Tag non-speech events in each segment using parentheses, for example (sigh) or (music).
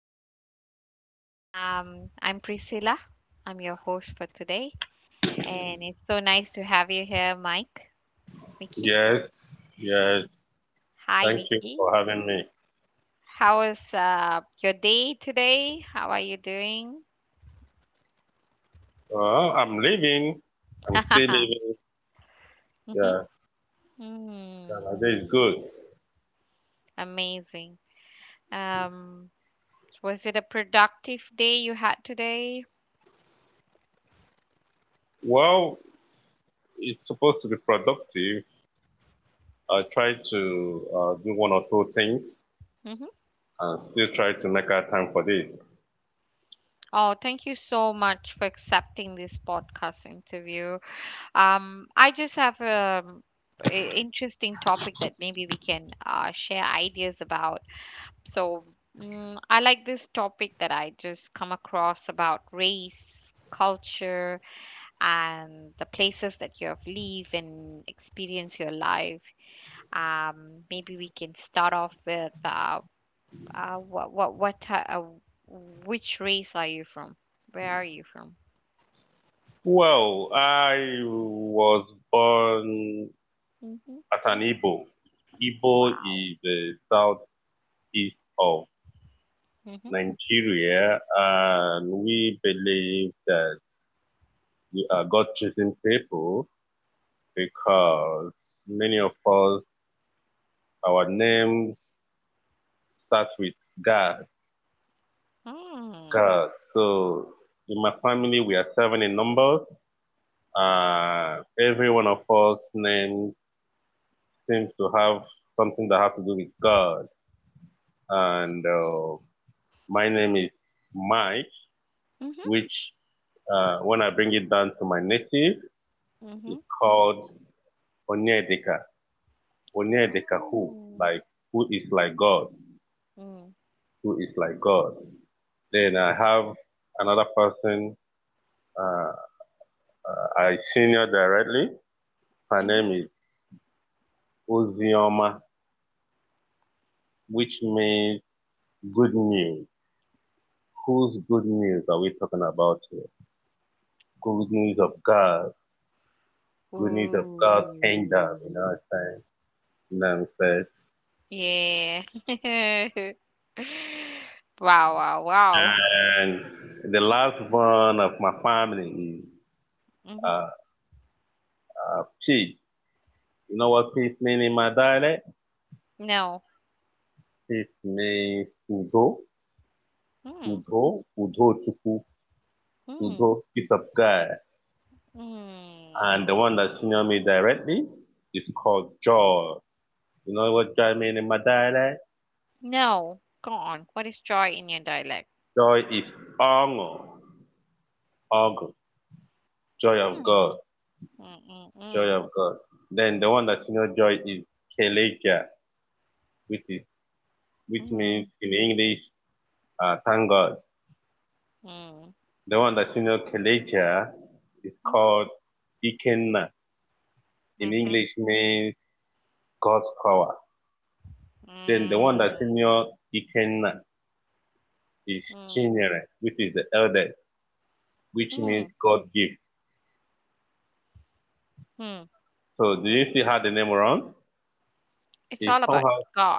podcast. I'm Priscilla. I'm your host for today. And it's so nice to have you here, Mike. Mickey. Yes, yes. Hi, Thank you for Mickey. having me. How is your day today? How are you doing? Well, I'm leaving. I'm still (laughs) Hmm. leaving. Yeah, Mm, Canada is good. amazing. Um, was it a productive day you had today? Well, it's supposed to be productive. I try to do one or two things Hmm. and still try to make out time for this. Oh, thank you so much for accepting this podcast interview. I just have a interesting topic that maybe we can share ideas about. So, mm, I like this topic that I just come across about race, culture, and the places that you have lived and experience your life. Maybe we can start off with uh, what what what ti- uh, which race are you from? Where are you from? Well, I was born Hmm. as an Igbo. Igbo Wow. is the southeast of Mm-hmm. Nigeria, and we believe that we are God-chosen people because many of us, our names start with God. Hmm. God. So in my family, we are seven in numbers. Every one of us name seems to have something that has to do with God. And my name is Mike, Mm-hmm. which when I bring it down to my native, Mm-hmm. it's called Onyedika. Onyedika who? Oh. Like, who is like God? Mm. Who is like God? Then I have another person uh, I senior directly. Her Mhm. name is Uzioma, which means good news. Whose good news are we talking about here? Good news of God. Good news of God's kingdom, you know what Ooh. I'm saying? You know what Yeah. (laughs) Wow, wow, I'm wow. saying? And the Mhm. last one of my family is Mhm. uh, peace. You know what peace means in my dialect? No. Peace means udo, Mm. udo, udo chuku, udo, Mm. peace of God. Mm. And the one that senior me directly is called Joy. You know what joy means in my dialect? No. Go on. What is joy in your dialect? Joy is honor, honor, joy of God, Mm. Mm. joy Mm. of God. Then the one that senior joy is Keleja, which is which Mm. means in English, thank God. Mm. The one that senior Keleja is Mm. Mhm. called Ikenna. In Mhm. English means God's power. Then the one that Mm. senior Ikenna is Mm. Chinyere, which is the eldest, which Mm. means God gift. Mm. So do you see how the name runs? It's It's all about somehow God.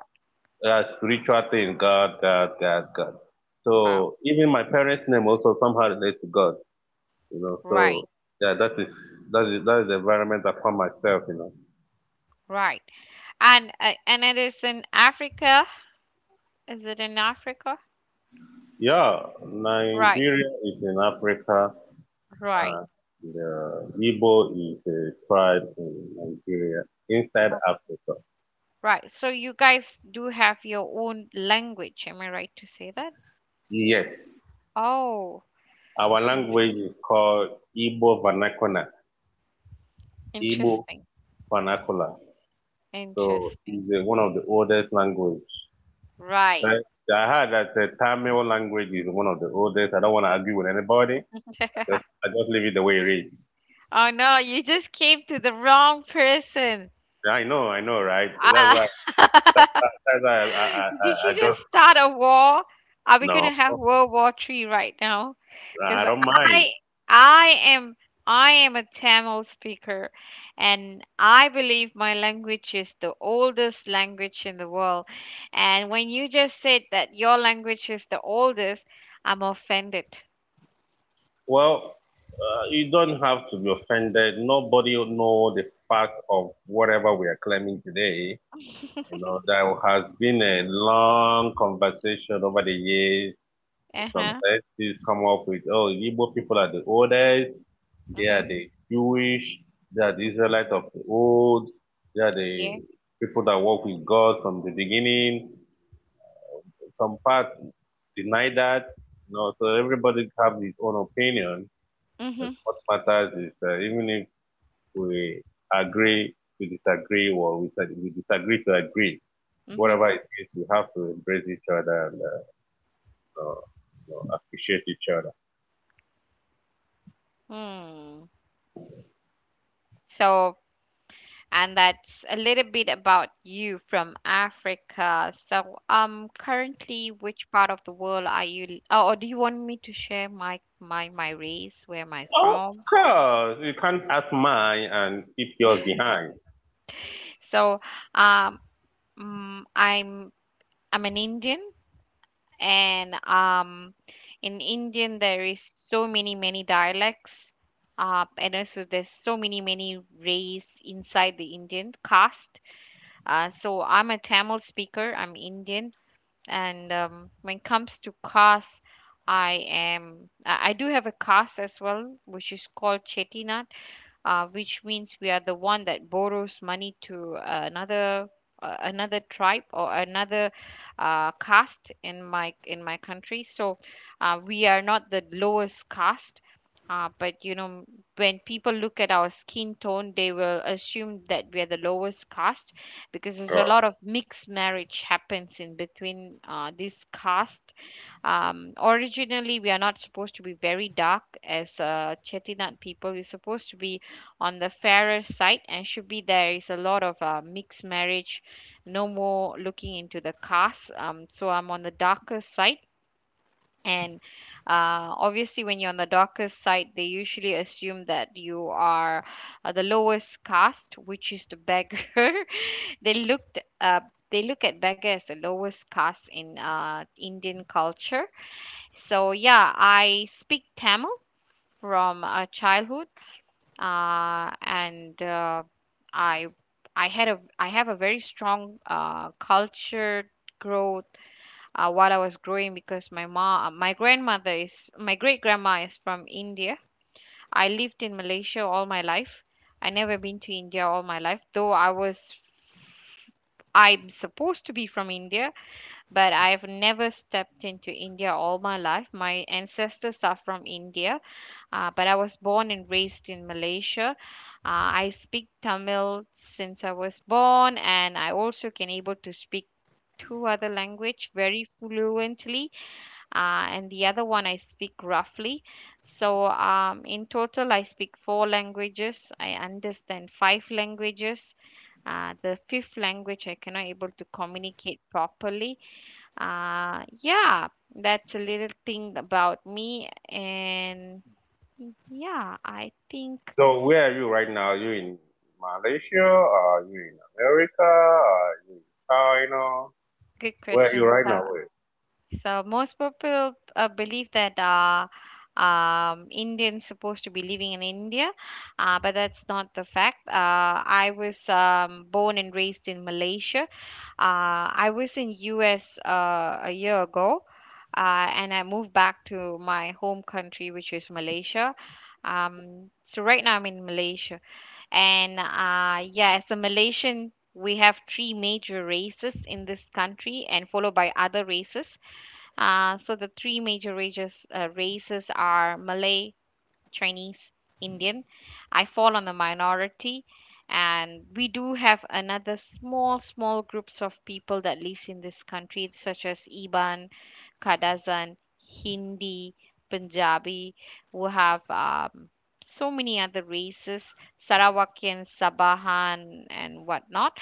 a spiritual thing, God, God, God, God. Wow. So even my parents' name also somehow relates to God, you know. Right. So yeah, that is the environment I found myself, you know. Right. And it is in Africa. Is it in Africa? Yeah, Right, Nigeria is in Africa right, and the Igbo is a tribe in Nigeria, inside oh, Africa. right. So you guys do have your own language. Am I right to say that? Yes. Oh, Our language interesting, is called Igbo vernacular. Igbo interesting, vernacular. So it's interesting. One of the oldest language. Right. But (laughs) I heard that the Tamil language is one of the oldest. I don't want to argue with anybody. I just leave it the way it is. Oh no, you just came to the wrong person. I know, right? That's Ah. why (laughs) that's why I I, I, Did I she just just start a war? Are we no, gonna have World War Three right now? I Because don't mind. I I am I am a Tamil speaker, and I believe my language is the oldest language in the world. And when you just said that your language is the oldest, I'm offended. Well, you don't have to be offended. Nobody will know the fact of whatever we are claiming today. You (laughs) know, there has been a long conversation over the years. Uh Some huh. parties come up with, oh, Igbo people are the oldest, they Mhm. are the Jewish, they are the Mhm. Israelites of the old, they are the Yeah. people that walk with God from the beginning. Some parts deny that. You know, so everybody have his own opinion. Mhm. But what matters is that even if we agree, we disagree, or we disagree to agree, Mhm. whatever it is, we have to embrace each other and you know, appreciate each other. Hmm. So and that's a little bit about you from Africa. So, currently, which part of the world are you? Oh, or do you want me to share my race? Where am I Of from? course, you can't ask mine and keep yours behind. So, um, mm, I'm an Indian, and in Indian there is so many many dialects. And also there's so many many race inside the Indian caste. So I'm a Tamil speaker. I'm Indian. And when it comes to cars, I am I do have a cars as well, which is called Chetina, which means we are the one that borrows money to another another tribe or another caste in my country. So we are not the lowest caste. But you know, when people look at our skin tone, they will assume that we are the lowest caste because there's a Uh, lot of mixed marriage happens in between this caste. Originally, we are not supposed to be very dark as Chettinad people. We're supposed to be on the fairer side and should be there is a lot of mixed marriage no more looking into the caste, so I'm on the darker side and obviously when you're on the darker side they usually assume that you are the lowest caste, which is the beggar. (laughs) they looked uh, they look at beggar as the lowest caste in Indian culture. So yeah, I speak Tamil from childhood, and I I had a I have a very strong culture growth while I was growing because my grandmother is my great grandma is from India. I lived in Malaysia all my life. I never been to India all my life though I'm supposed to be from India, but I've never stepped into India all my life. My ancestors are from India, but I was born and raised in Malaysia. I speak Tamil since I was born, and I also can able to speak two other language very fluently, and the other one I speak roughly. So in total, I speak four languages. I understand five languages. The fifth language I cannot able to communicate properly. Yeah, that's a little thing about me. And mm, yeah, I think So where are you right now? Are you in Malaysia? Are you in America? Are you in China? good Where are you question. right now? So, Where? so most people believe that Indians supposed to be living in India, but that's not the fact. I was born and raised in Malaysia. I was in US a year ago, and I moved back to my home country, which is Malaysia. So right now I'm in Malaysia. And yeah, as a Malaysian, we have three major races in this country and followed by other races. So the three major races, races are Malay, Chinese, Indian. I fall on the minority. And we do have another small, small groups of people that lives in this country, such as Iban, Kadazan, Hindi, Punjabi, who have so many other races, Sarawakian, Sabahan, and whatnot.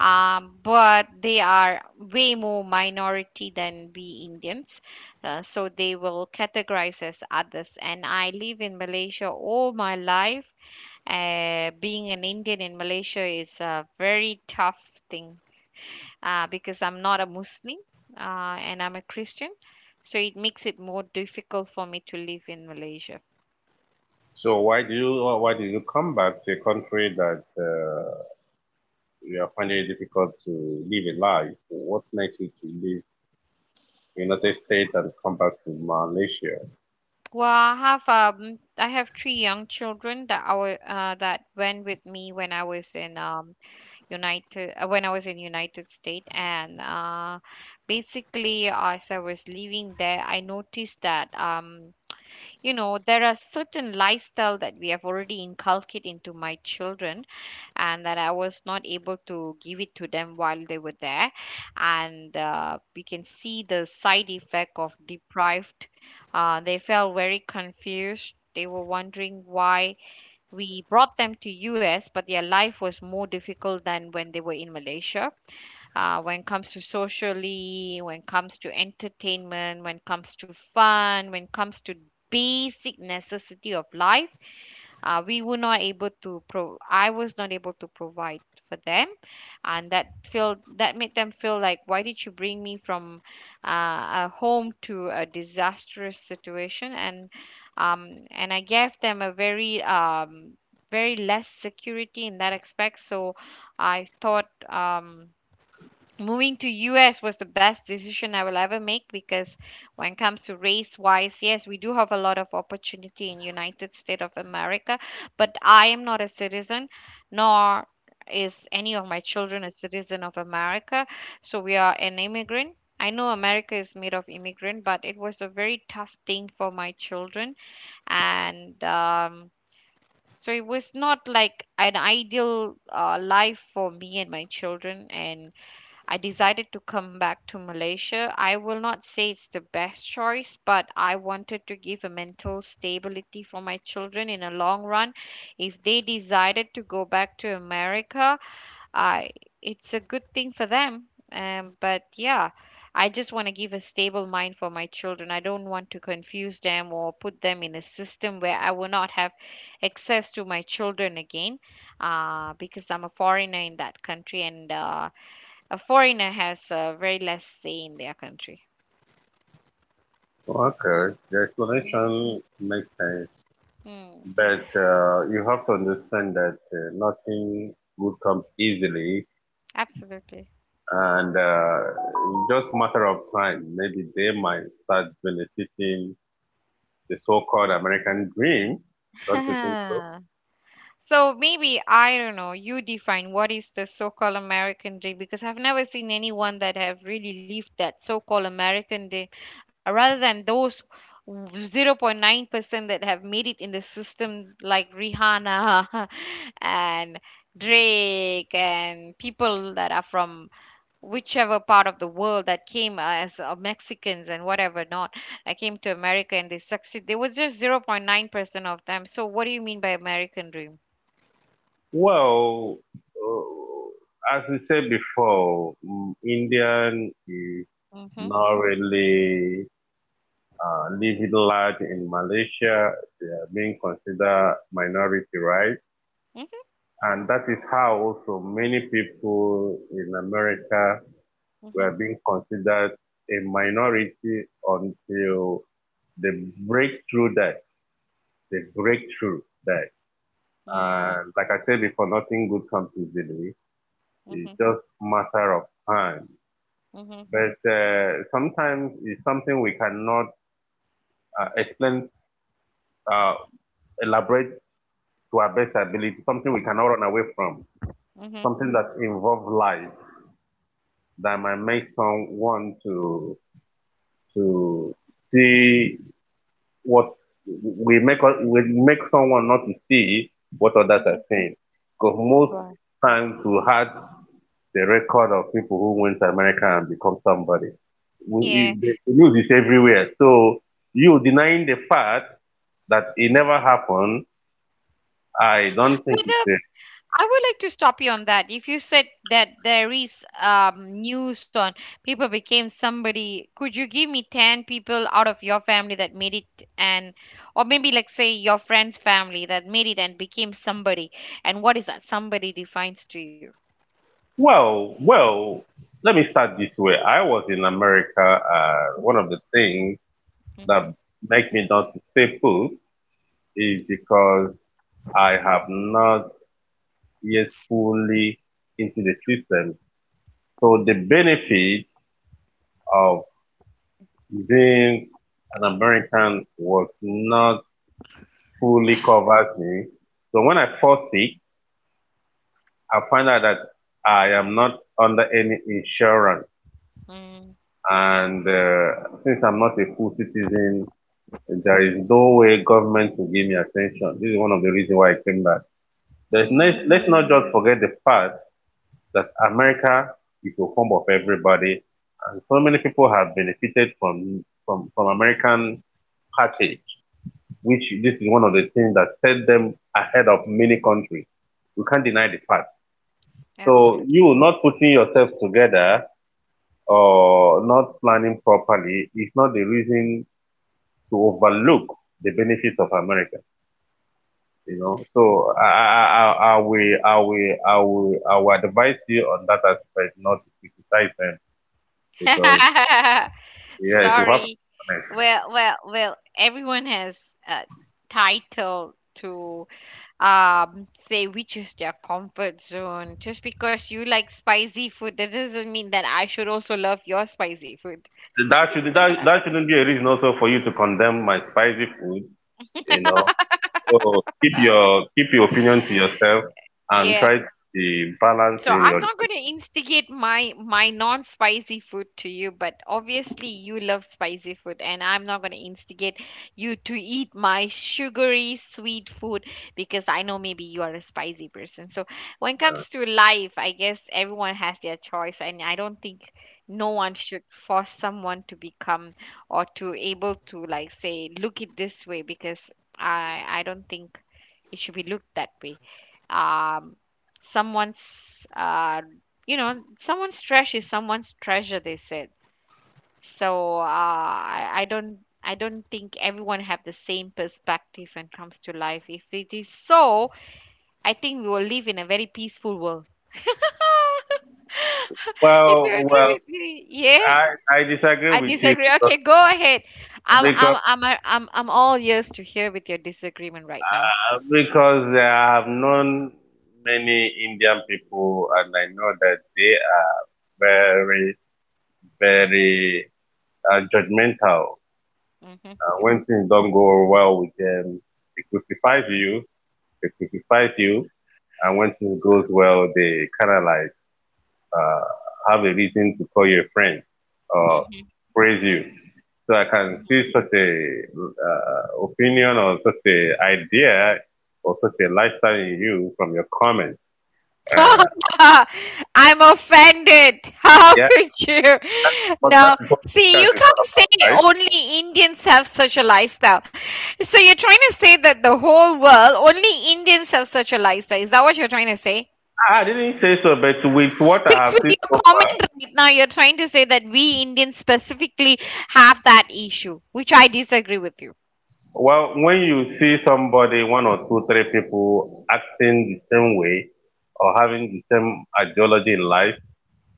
But they are way more minority than we Indians. So they will categorize as others. And I live in Malaysia all my life. Being an Indian in Malaysia is a very tough thing because I'm not a Muslim, uh, and I'm a Christian. So it makes it more difficult for me to live in Malaysia. So why do you or why do you come back to a country that you are finding it difficult to live a life? What makes you to leave United States and come back to Malaysia? Well, I have three young children that that went with me when I was in United when I was in United States, and basically as I was living there, I noticed that you know there are certain lifestyle that we have already inculcated into my children and that I was not able to give it to them while they were there. And we can see the side effect of deprived. They felt very confused. They were wondering why we brought them to US, but their life was more difficult than when they were in Malaysia. When it comes to socially, when it comes to entertainment, when it comes to fun, when it comes to basic necessity of life, we were not able to pro I was not able to provide for them, and that feel that made them feel like why did you bring me from a home to a disastrous situation. And and I gave them a very very less security in that aspect. So I thought moving to US was the best decision I will ever make, because when it comes to race wise, yes, we do have a lot of opportunity in United States of America, but I am not a citizen nor is any of my children a citizen of America. So we are an immigrant. I know America is made of immigrant, but it was a very tough thing for my children, and so it was not like an ideal life for me and my children. And I decided to come back to Malaysia. I will not say it's the best choice, but I wanted to give a mental stability for my children in a long run. If they decided to go back to America, I it's a good thing for them. But yeah, I just want to give a stable mind for my children. I don't want to confuse them or put them in a system where I will not have access to my children again, because I'm a foreigner in that country, and a foreigner has very less say in their country. Okay, the Mm. explanation makes sense. Hmm, But you have to understand that nothing good comes easily, absolutely. and just matter of time. Maybe they might start benefiting the so-called American dream. (laughs) Don't you think so? So maybe I don't know. You define what is the so-called American dream, because I've never seen anyone that have really lived that so-called American dream, rather than those 0.9% that have made it in the system like Rihanna (laughs) and Drake and people that are from whichever part of the world that came as Mexicans and whatever not. I came to America and they succeed, there was just 0.9% of them. So what do you mean by American dream? Well, as we said before, Indian is Mhm. not really living large in Malaysia. They are being considered minority, right? Mhm. And that is how also many people in America Mhm. were being considered a minority until the breakthrough died. The breakthrough died. Mm, And like I said before, nothing good comes easily. It's mhm. just a matter of time. Mhm. But sometimes it's something we cannot explain, uh, elaborate to our best ability, something we cannot run away from, Mhm. something that involves life that might make someone want to to see what we make someone not to see what others are Mhm. saying. Because most Right. times we had the record of people who went to America and become somebody. Yeah, The news is everywhere. So you denying the fact that it never happened, I don't but think it's a, I would like to stop you on that. If you said that there is news on people became somebody, could you give me 10 people out of your family that made it, and, or maybe like say your friend's family that made it and became somebody? And what is that somebody defines to you? well, well, let me start this way. I was in America. One of the things that make me not to stay put is because I have not yet fully into the system. So the benefit of being an American was not fully covered me. So when I fall sick, I find out that I am not under any insurance. Hmm. And since I'm not a full citizen, there is no way government will give me attention. This is one of the reasons why I came back. Let's Hmm. not just forget the fact that America is the home of everybody, and so many people have benefited from American package, which this is one of the things that set them ahead of many countries. We can't deny the fact. So you Absolutely. not putting yourself together or not planning properly is not the reason to overlook the benefits of America. You know, so I will I will advise you on that aspect, not to criticize them because (laughs) yes, you have to Sorry. be honest. Well, well, well, everyone has a title to say which is their comfort zone, just because you like spicy food that doesn't mean that I should also love your spicy food. That should that shouldn't be a reason also for you to condemn my spicy food, you know. So keep (laughs) your opinion to yourself and Yeah. try to be balanced So in I'm your not going to instigate my non-spicy food to you, but obviously you love spicy food, and I'm not going to instigate you to eat my sugary sweet food, because I know maybe you are a spicy person. So when it comes to life, I guess everyone has their choice, and I don't think no one should force someone to become or to able to like say look it this way because I don't think it should be looked that way. Um someone's uh you know someone's trash is someone's treasure, they said. So I don't think everyone have the same perspective when it comes to life. If it is so, I think we will live in a very peaceful world (laughs) if you well agree well with me. Yeah. I I disagree I with you disagree. because Okay, go ahead. i'm because i'm i'm i'm, I'm, all ears to hear with your disagreement right now. Because I have known many Indian people and I know that they are very very judgmental. Hmm. When things don't go well with them, they crucify you they crucify you, and when things goes well, they kind of like uh, have a reason to call you a friend or Hmm. praise you. So I can see such a opinion or such a idea or such a lifestyle in you from your comments. (laughs) Uh, I'm offended. How yeah, could you? but that No, is what see, you podcast is all can't about, say right? only Indians have such a lifestyle. So you're trying to say that the whole world, only Indians have such a lifestyle. Is that what you're trying to say? I didn't say so, but with what I Because have with seen so your comment far. right now, you're trying to say that we Indians specifically have that issue, which I disagree with you. Well, when you see somebody, one or two, three people acting the same way or having the same ideology in life,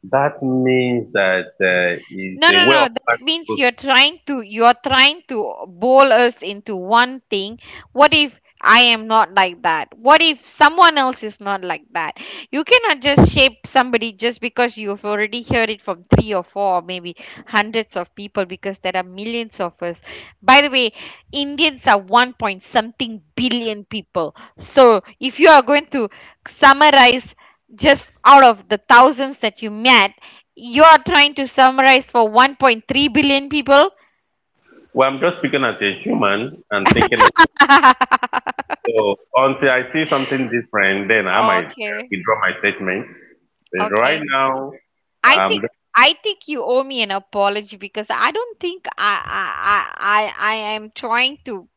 that means that it's No, a no, way no. of That means life. you're trying to bowl us into one thing. What if I am not like that? What if someone else is not like that? You cannot just shape somebody just because you've already heard it from three or four or maybe hundreds of people because there are millions of us. By the way, Indians are one point something billion people. So if you are going to summarize just out of the thousands that you met, you are trying to summarize for 1.3 billion people? Well, I'm just speaking as a human and thinking. (laughs) So until I see something different, then I might Okay, withdraw my statement. But right okay. now, I um, think I think you owe me an apology because I don't think I am trying to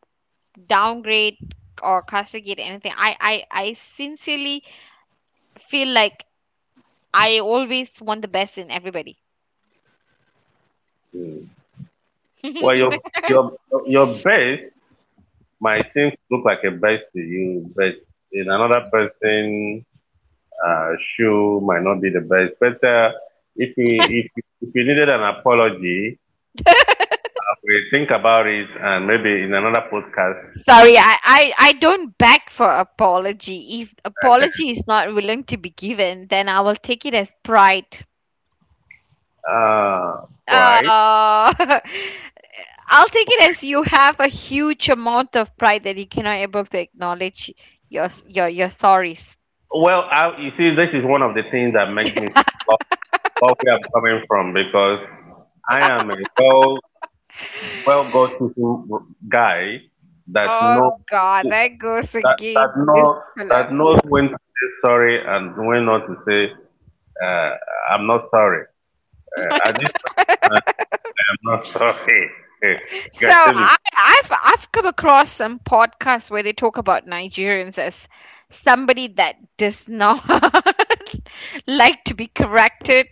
downgrade or castigate anything. I sincerely feel like I always want the best in everybody. well, your (laughs) your base might seem to look like a base to you, but in another person uh, show might not be the best. But if we if you needed an apology, I will think about it and maybe in another podcast. Sorry, I don't beg for apology. If I can, apology is not willing to be given, then I will take it as pride. Uh, right. (laughs) I'll take it as you have a huge amount of pride that you cannot able to acknowledge your s- your sorries. Well, I, you see, this is one of the things that makes me love, love where I'm coming from because I am a well God fearing guy that Oh knows God, that goes that that again, this knows fella. that knows when to say sorry and when not to say uh, I'm not sorry. At (laughs) this point I'm not (laughs) sorry. You So can tell me. I've come across some podcasts where they talk about Nigerians as somebody that does not (laughs) like to be corrected,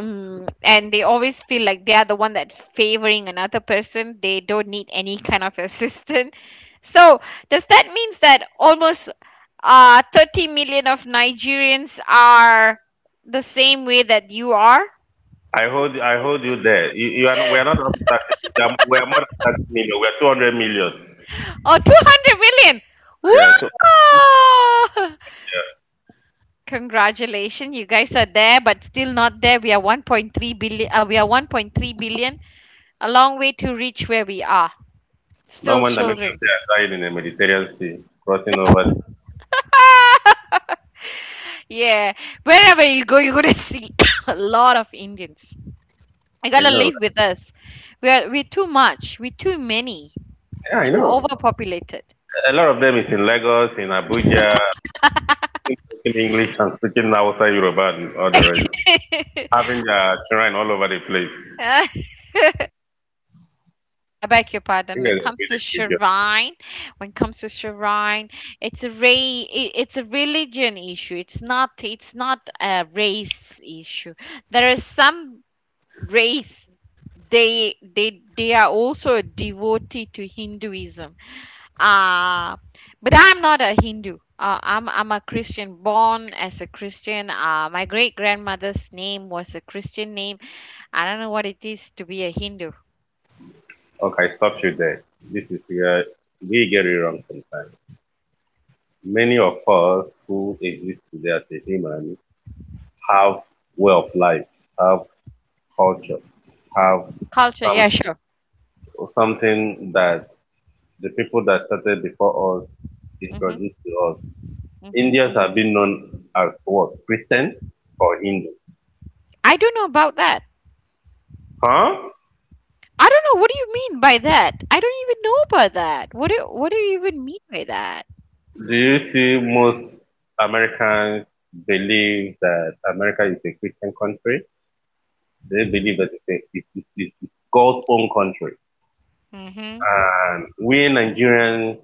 And they always feel like they are the one that favoring another person. They don't need any kind of (laughs) assistance. So does that means that almost 30 million of Nigerians are the same way that you are? I hold you there. You are not, we are not up to 30 million. We are more than 30 million. We are 200 million. Or 200 million? Yeah. So Whoa! Congratulations, (laughs) you guys are there, but still not there. We are 1.3 billion. We are 1.3 billion. A long way to reach where we are. no Still one that makes them children. say I died in the Mediterranean Sea, crossing over. (laughs) Yeah, wherever you go, you're gonna (laughs) see (coughs) a lot of Indians. You I gotta know. live with us. We're too much. We're too many. Yeah, I Too know. overpopulated. A lot of them is in Lagos, in Abuja, speaking English and speaking Hausa, Yoruba, and all the rest. (laughs) Having their shrine all over the place. Uh, I beg your I pardon. think When it that's a comes to great job. shrine, when it comes to shrine, it's a religion issue. It's not a race issue. There is some race they are also a devotee to Hinduism. uh but I'm not a Hindu. I'm a Christian, born as a Christian. My great grandmother's name was a Christian name. I don't know what it is to be a Hindu. Okay, stop you there. This is where we get it wrong sometimes. Many of us who exist today as a human have way of life, have culture, have Culture, some yeah, sure. something that the people that started before us Hmm. introduced to us. Hmm. Indians have been known as what? Christian or Hindu? I don't know about that. Huh? I don't know, what do you mean by that? I don't even know about that. What do you even mean by that? Do you see most Americans believe that America is a Christian country? They believe that it's, a, it's, it's God's own country. Mm-hmm. And we Nigerians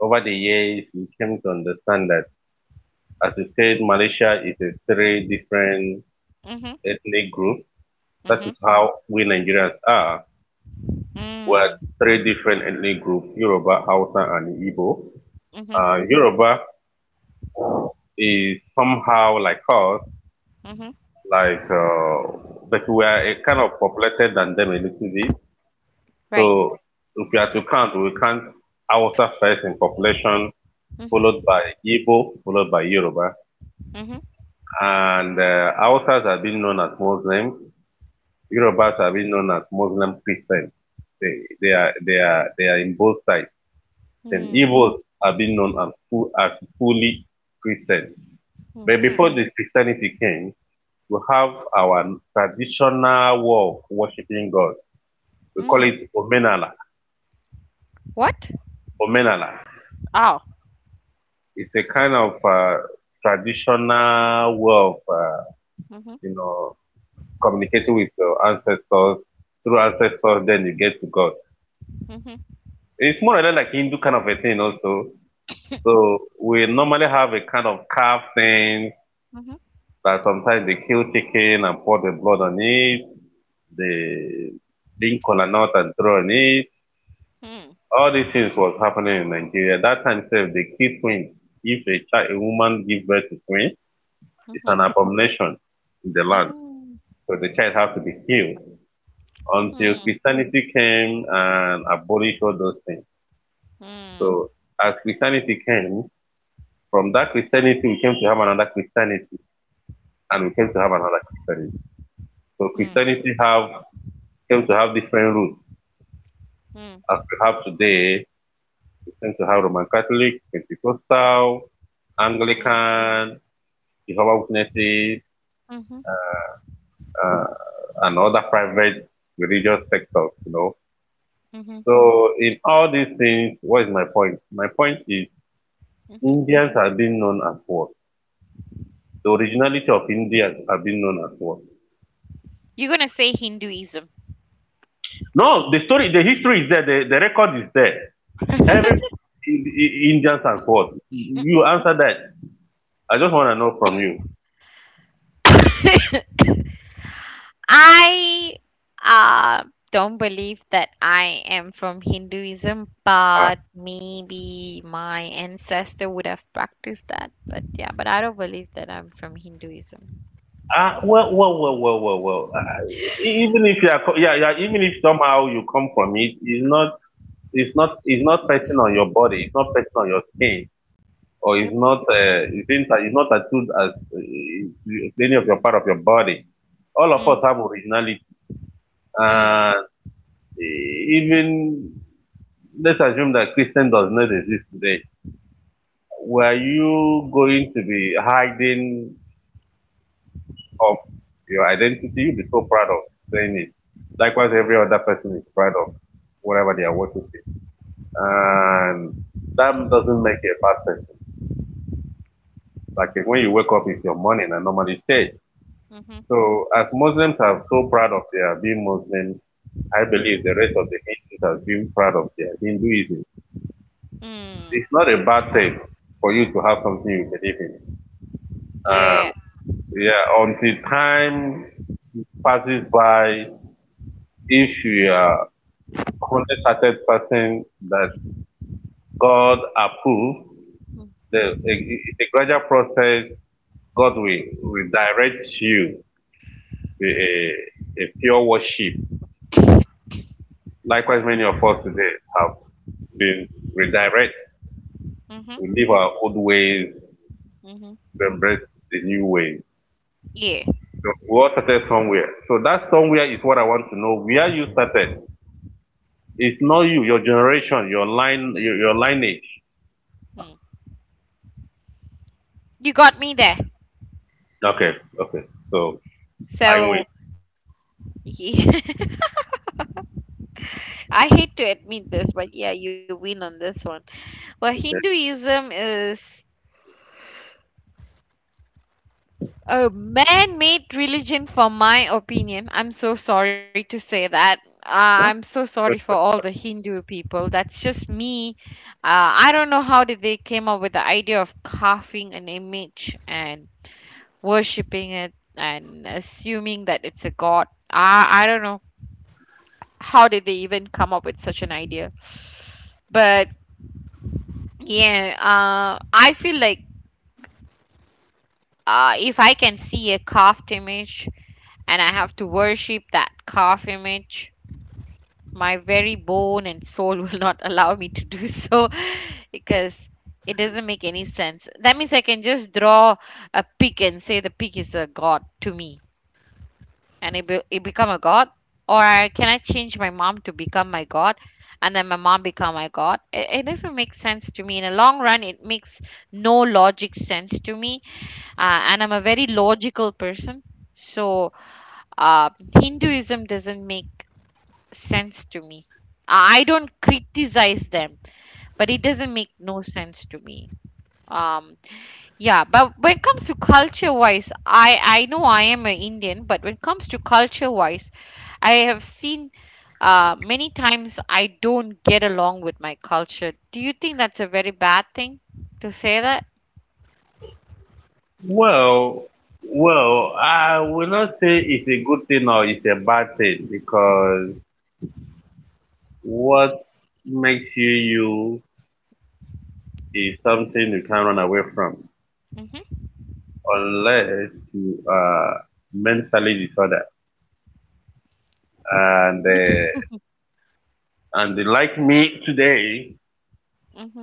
over the years, we came to understand that, as you said, Malaysia is a three different Mm-hmm. ethnic groups. That is Mm-hmm. how we Nigerians are. We're Mm-hmm. three different ethnic groups, Yoruba, Hausa, and Igbo. Yoruba is somehow like us, Mm-hmm. like, but we are a kind of populated than them a little bit. Right. So if we are to count, we count Hausa first in population, followed Mhm. by Igbo, followed by Yoruba. Mhm. And Hausas are being known as Muslims. Yorubas are being known as Muslim Christians. They are in both sides. Then Hmm. Igbos are being known as full, as fully Christians. But Mhm. before the Christianity came, we have our traditional way of worshiping God. We call Hmm. it Omenala. What? Omenala. Oh. It's a kind of traditional way of Mhm. you know communicating with your ancestors through ancestors. Then you get to God. Mhm. It's more or less like Hindu kind of a thing also. So we normally have a kind of calf thing Mhm. that sometimes they kill chicken and pour the blood on it. They drink cola nut and throw on it. Hmm. All these things was happening in Nigeria. That time itself, they kill twins. If a child, a woman gives birth to twins, it's Mhm. an abomination in the land. Mm. So the child has to be killed until Christianity came and abolished all those things. Hmm. Hmm. So as Christianity came, from that Christianity, we came to have another Christianity, and we came to have another Christianity. So Christianity have came to have different roots. Hmm. Hmm. As we have today, we came to have Roman Catholic, Pentecostal, Anglican, Jehovah's Witnesses, Hmm. Mhm. uh, and other private religious sectors. Mhm. So in all these things, what is my point? My point is, Mhm. Indians are being known as what? The originality of Indians are being known as what? You're gonna say Hinduism. No, the story, the history is there, the record is there. Every (laughs) Indians and what? You answer that. I just want to know from you. I uh, don't believe that I am from Hinduism, Ah, but maybe my ancestor would have practiced that. But yeah, but I don't believe that I'm from Hinduism. ah, well, well, well, well, well, well. Even if you are, yeah, yeah, even if somehow you come from it, it's not pressing on your body. It's not pressing on your skin, or it's Yep. not, it's it's not tattooed as to any of your part of your body. All of us have originality, Mm. and even, let's assume that Christian does not exist today. Were you going to be hiding of your identity? You'll be so proud of saying it. Likewise, every other person is proud of whatever they are worshiping. And that doesn't make you a bad person. Like if when you wake up, it's your morning and normally stay. Mm-hmm. So as Muslims are so proud of their being Muslim, I believe the Mm-hmm. rest of the Hindus are being proud of their Hinduism. Mm. It's not a bad thing for you to have something you believe in. Yeah. Um, yeah, until time passes by, if you are wholehearted person that God approves, Mm. It's a gradual process. God will, will direct you to a pure worship. Likewise, many of us today have been redirected. Mm-hmm. We leave our old ways Mm-hmm. to embrace the new ways. Yeah. So we all started somewhere. So that somewhere is what I want to know. Where you started. It's not you, your generation, your line, your lineage. Mm. You got me there. Okay, okay. So I win. So, yeah, (laughs) I hate to admit this, but yeah, you win on this one. Well, Hinduism is a man-made religion, for my opinion. I'm so sorry to say that. No? I'm so sorry for all the Hindu people. That's just me. I don't know how did they came up with the idea of carving an image and worshipping it and assuming that it's a god. I don't know how did they even come up with such an idea. But yeah, I feel like if I can see a carved image and I have to worship that carved image, my very bone and soul (laughs) will not allow me to do so (laughs) because it doesn't make any sense. That means I can just draw a pig and say the pig is a god to me and it become a god. Or can I change my mom to become my god, and then my mom become my god? It doesn't make sense to me. In a long run, it makes no logic sense to me. And I'm a very logical person. So uh, Hinduism doesn't make sense to me. I don't criticize them, but it doesn't make no sense to me. um, yeah, but when it comes to culture wise, I know I am an Indian, but when it comes to culture wise, I have seen many times I don't get along with my culture. Do you think that's a very bad thing to say that? Well, well, I will not say it's a good thing or it's a bad thing because what makes you you is something you can't run away from Mm-hmm. unless you are mentally disordered. And uh, and like me today, Mm-hmm.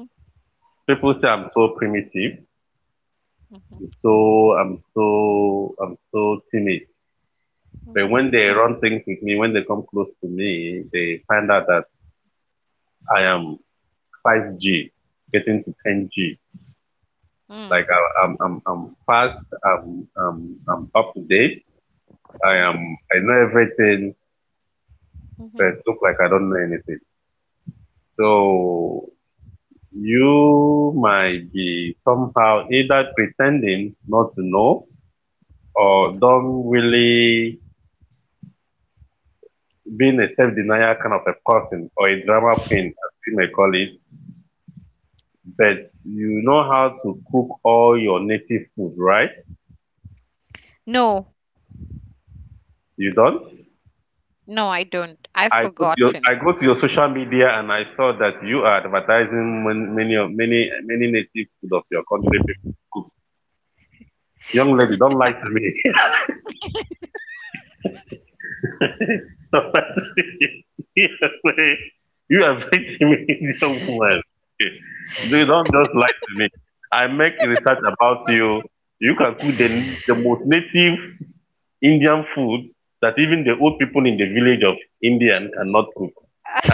people say I'm so primitive, Mm-hmm. so so I'm so timid. But Mm-hmm. when they run things with me, when they come close to me, they find out that I am. 5G, getting to 10G. Mm, Like I, I'm fast. I'm, I'm, I'm up to date. I am, mhm, I know everything, mhm. but it look like I don't know anything. So you might be somehow either pretending not to know or don't really being a self-denier kind of a person or a drama queen, as you may call it, but you know how to cook all your native food, right? No, You don't? no, I don't. I've forgotten. I go to your social media and I saw that you are advertising many of many native food of your country. People. Cook. Young lady, don't lie to me. (laughs) Don't lie to me. (laughs) You are making me (laughs) young man. You don't just lie to me. I make research about you. You can cook the most native Indian food that even the old people in the village of Indian cannot cook.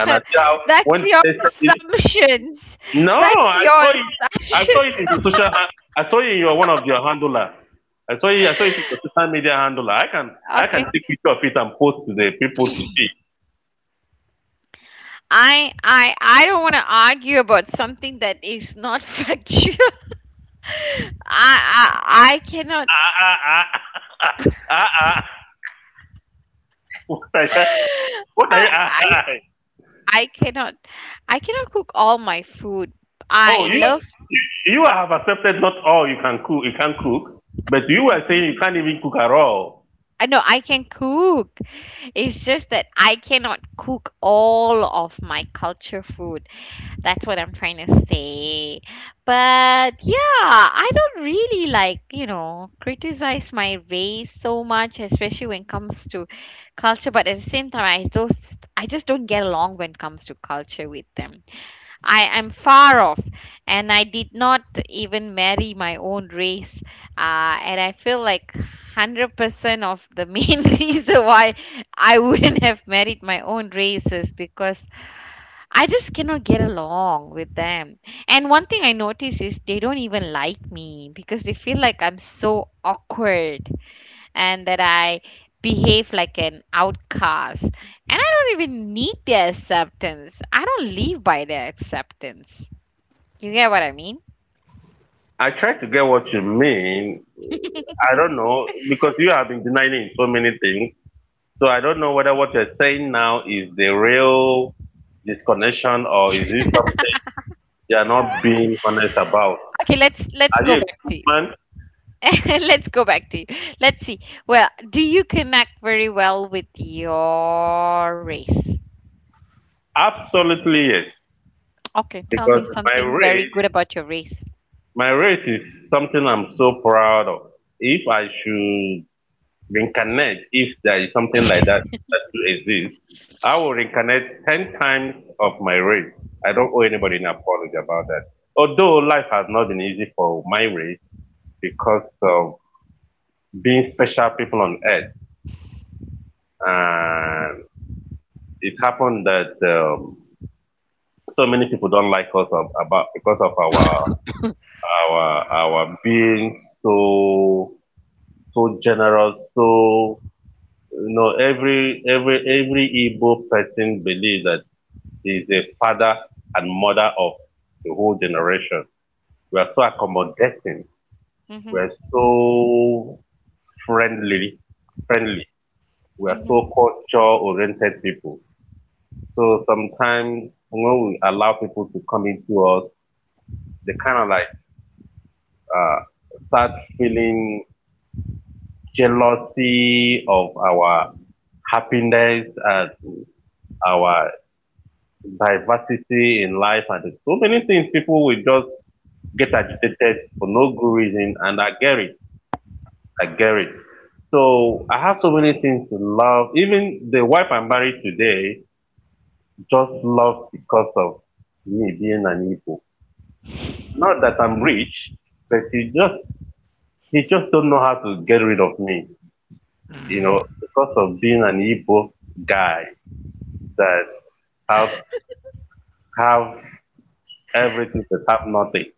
And I tell That's when your they tested it. assumptions. No, That's I your saw it. I saw it assumptions. in the social. I saw it in your one of your handler. I saw it. I saw it in the social media handler. (laughs) I can Okay. take picture of it and post to the people to see. I don't want to argue about something that is not (laughs) factual. I cannot. Ah, ah, ah, (laughs) ah, ah, ah. What are you? (laughs) What are I, you? Ah, I ah, ah. I cannot. I cannot cook all my food. Oh, I you love. you have accepted not all you can cook. You can cook, but you were Mhm. saying you can't even cook at all. I know I can cook. It's just that I cannot cook all of my culture food. That's what I'm trying to say. But yeah, I don't really like, criticize my race so much, especially when it comes to culture. But at the same time, I just don't get along when it comes to culture with them. I am far off, and I did not even marry my own race. And I feel like 100% of the main (laughs) reason why I wouldn't have married my own race is because I just cannot get along with them. And one thing I notice is they don't even like me because they feel like I'm so awkward and that I behave like an outcast. And I don't even need their acceptance. I don't live by their acceptance. You get what I mean? I try to get what you mean. I don't know because you have been denying it so many things. So I don't know whether what you're saying now is the real disconnection or is it something you're not being honest about. Okay, let's Are go you a back good to you. man? (laughs) Let's go back to you. Let's see. Well, do you connect very well with your race? Absolutely yes. Okay, tell me Because my something very race, good about your race. my race is something I'm so proud of. If I should reincarnate, if there is something like that (laughs) that to exist, I will reincarnate 10 times of my race. I don't owe anybody an apology about that. Although life has not been easy for my race because of being special people on earth. And it happened that so many people don't like us of, about because of our our being so generous. So you know, every Igbo person believes that he is a father and mother of the whole generation. We are so accommodating. Mhm. We are so friendly, friendly. We are Mhm. so culture oriented people. So sometimes when we allow people to come into us, they kind of like uh, start feeling jealousy of our happiness and our diversity in life, and there's so many things people will just get agitated for no good reason, and I get it. I get it. So I have so many things to love. Even the wife I'm married today just loves because of me being an Igbo. Not that I'm rich, but he just don't know how to get rid of me. You know, because of being an Igbo guy that have have everything but have nothing.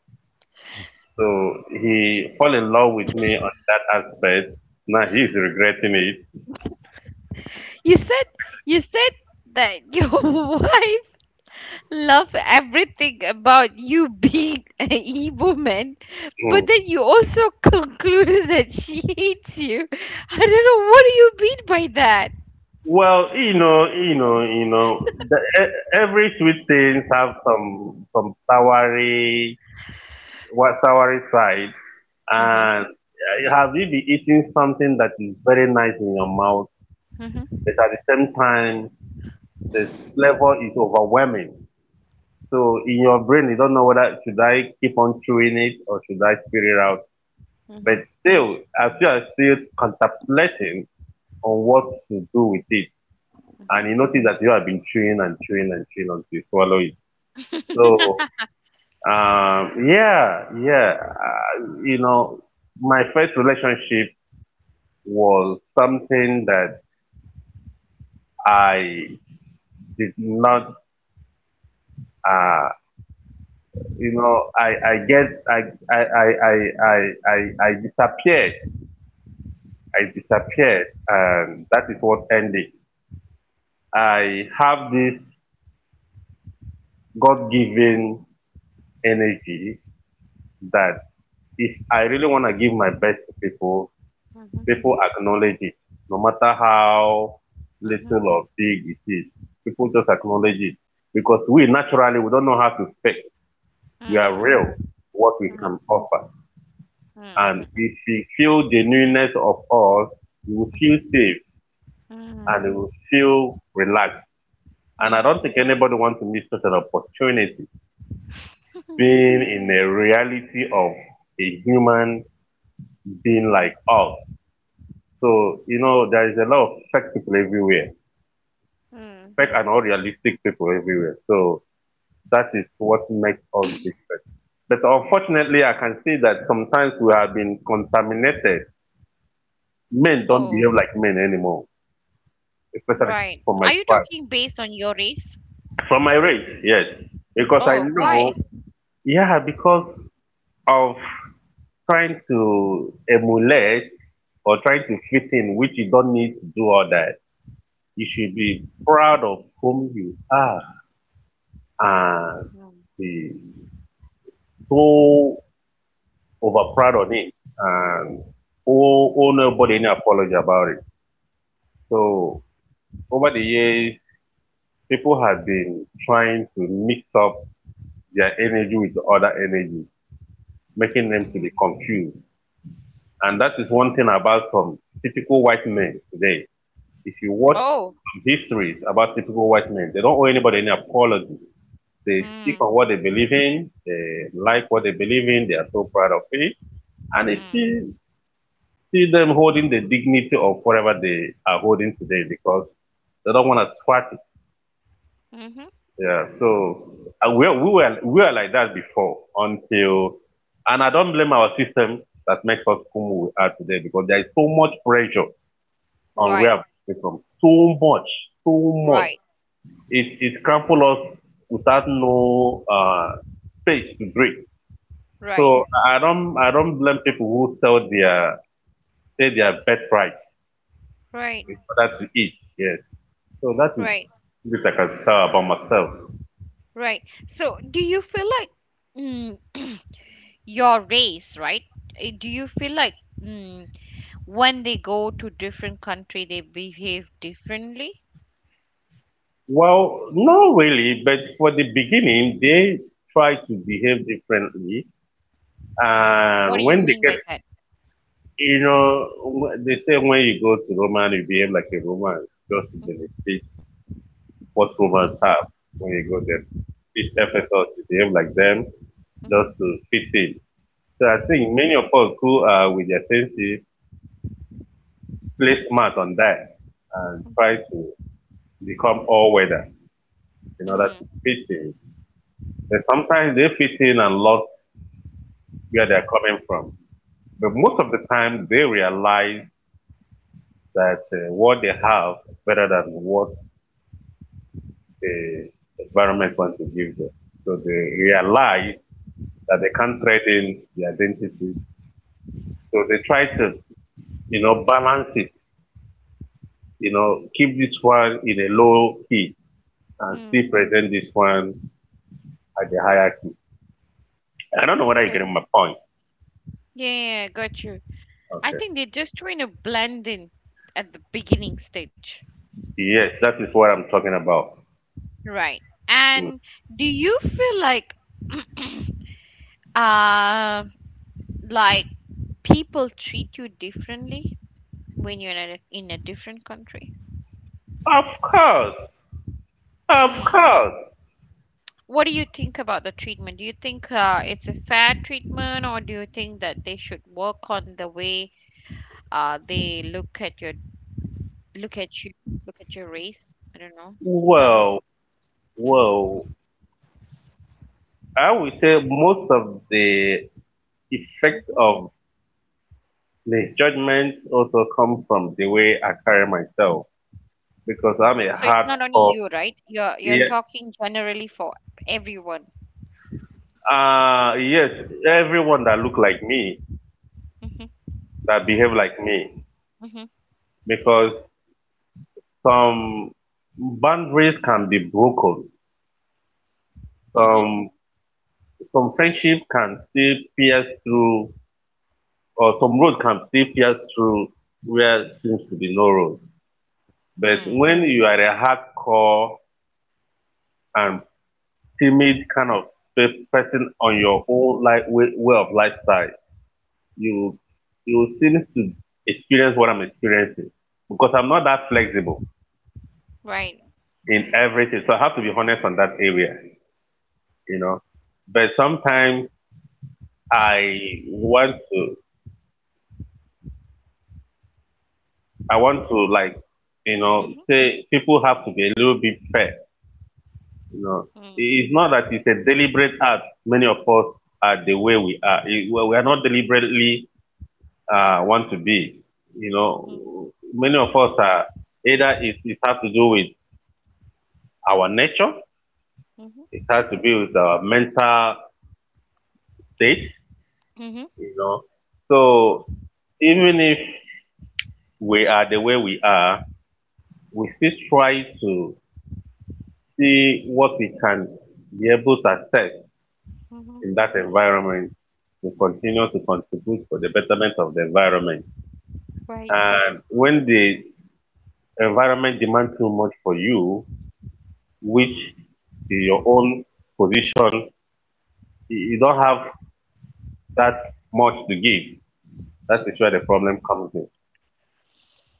So he fell in love with me on that aspect. Now he's regretting it. You said you said that your (laughs) wife love everything about you being an evil man, but Mm. then you also concluded that she hates you. I don't know what do you mean by that. Well, you know, the, every sweet things have some soury, what soury side. Mhm. And Have you been eating something that is very nice in your mouth, Mhm. but at the same time, the flavor is overwhelming? So in your brain, you don't know whether should I keep on chewing it or should I spit it out. But Mhm. still, as you are still contemplating on what to do with it, and Mhm. you notice that you have been chewing and chewing and chewing until you swallow it. So, (laughs) yeah, yeah, my first relationship was something that I did not, uh, you know, I, I get, I, I, I, I, I disappeared. I disappeared. And that is what ended. I have this God given energy that if I really want to give my best to people, Mhm. people acknowledge it. No matter how little Mhm. or big it is, people just acknowledge it. Because we naturally, we don't know how to fake. We are Mm. real, what we can Mm. offer. Mm. And Mm. Mm. if we feel the newness of all, we will feel Mhm. safe, and we will feel relaxed. And I Mm. don't think anybody wants to miss such an opportunity Mm. being in (laughs) the reality of a human Mhm. being like us. So, you know, there is a lot of fake people everywhere, Mm. fake and unrealistic people everywhere. So that is what makes us different. But unfortunately, I can see that sometimes we have been contaminated. Oh, Men don't behave like men anymore, right. Are especially you for talking my based on tribe. your race? From my race, yes. Oh, Because I why? know, yeah, because of trying to emulate or trying to fit in, which you don't need to do all that. You should be proud of whom you are, Mm. and be so over proud on it, and owe nobody any apology about it. So over the years, people have been trying to mix up their energy with the other energy, making them Mm. to be confused. And that is one thing about some typical white men today. If you watch Oh. some histories about typical white men, they don't owe anybody any apology. They Hmm. stick on what they believe in, they like what they believe in, they are so proud of it. And it's Hmm. still see them holding the dignity of whatever they are holding today because they don't want to swat it. Mm-hmm. Yeah, so we were like that before until, and I don't blame our system that makes us who we are today because there is so much pressure on where Right. I'm coming from. Too much, too much. Right. It crumple us without no space to breathe. Right. So I don't blame people who sell their say their best price in Right. order to eat. Yes. So that is Right. this I can tell about myself. Right. So, do you feel like mm, (clears throat) your race, right? Eh, do you feel like mm, when they go to different country, they behave differently? Well, not really, but for the beginning they try to behave differently, and What do when you they get mean by that? you know, they say when you go to Roman, you behave like a Roman, just to Mhm, benefit what Romans mm, have when you go there. mhm, Teach mhm, Ephesus to behave like them, just to mhm, fit in. So I think mhm, many of us who are with their senses play smart on that and try to mhm, become all weather in order to fit mm, in. And sometimes they fit in and lost where they're coming from. But most of the time they realize that what they have is better than what the environment wants to give them. So they realize that they can't mhm, trade in the identity. So they try to, balance it, keep this one in a low key and still mm. present this one at the higher key. I don't know whether you're Okay. getting my point. Yeah, yeah, yeah, got you. I Okay. think they're just trying to blend in at the beginning stage. Yes, that is what I'm talking about. Right. Mm. And do you feel like (clears throat) uh like people treat you differently when you're in a different country? Of course. Of Mm. course. What do you think about the treatment? Do you think it's a fair treatment or do you think that they should work on the way they look at you, look at your race? I don't know. Tell me Well, something. well, I would say most of the effect Hmm. Hmm. of misjudgment also come from the way I carry myself because I'm a So it's not only hardcore. you, right? You're Yeah, you're talking generally for everyone. Yes, everyone that look like me Hmm. that behave like me Hmm. because some boundaries can be broken. Hmm. Some some friendship can still pierce through, or some road can still pierce through where seems to be no road. But when Hmm. you are a hardcore and timid kind of person on your own like way, way of lifestyle, you you seem to experience what I'm experiencing because I'm not that flexible Right. in everything. So I have to be honest on that area, you know. But sometimes I want to, I want to like, Mhm. say people have to be a little bit fair, you know. Mm. It's not that it's a deliberate act. Many of us are the way we are. We are not deliberately want to be, you Mm. know. Many of us are either it has to do with our nature, Mhm. it has to do with our mental state, Mhm. you know. So even if we are the way we are, we still try to see what we can be able to access Mhm. in that environment to continue to contribute for the betterment of the environment. Right. And when the environment demands too much for you, which is your own position, you don't have that much to give. That is where the problem comes in.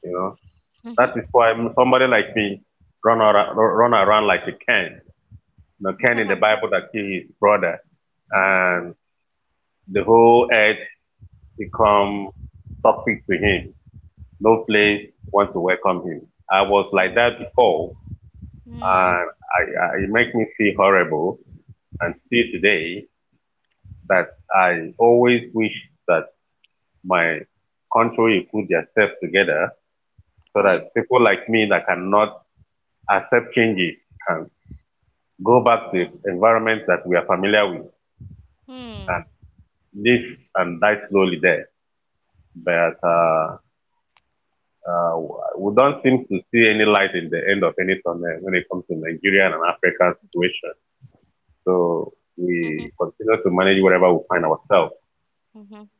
You know, Mhm. that is why somebody like me run around like a Cain, you know, Cain in (laughs) the Bible that killed his brother, Mhm. and the whole earth become toxic to him. No place want to welcome him. I was like Mm. that before, Mm. and I, it makes me feel horrible. And still today, that I always wish that my country will put themselves together (laughs) so Right. that people like me that cannot accept changes can go back to environments that we are familiar with Hmm. and live and die slowly there. But Uh, we don't seem to see any light in the end of any tunnel when it comes to Nigeria and Africa's situation. So Mhm. we continue to manage whatever we find ourselves. Mhm.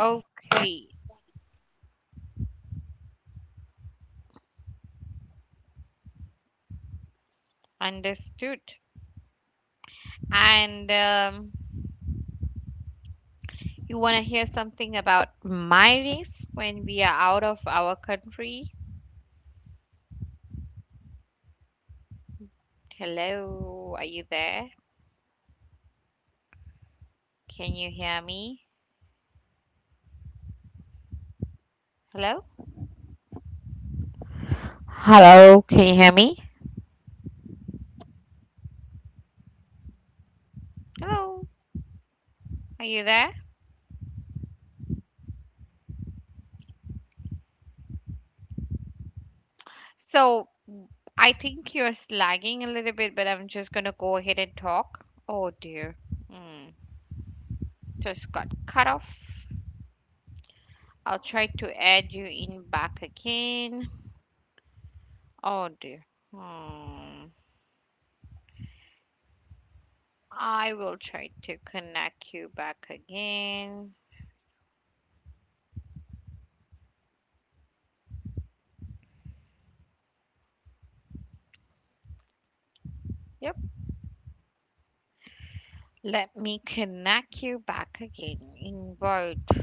Okay. Understood. And you want to hear something about my race when we are out of our country? Hello. Are you there? Can you hear me? Hello. Hello. Can you hear me? Hello. Are you there? So I think you're slagging a little bit, but I'm just gonna go ahead and talk. Oh dear. Hmm. Just got cut off. I'll try to add you in back again. Oh dear. Hmm. I will try to connect you back again. Yep. Let me connect you back again. Invite. (laughs)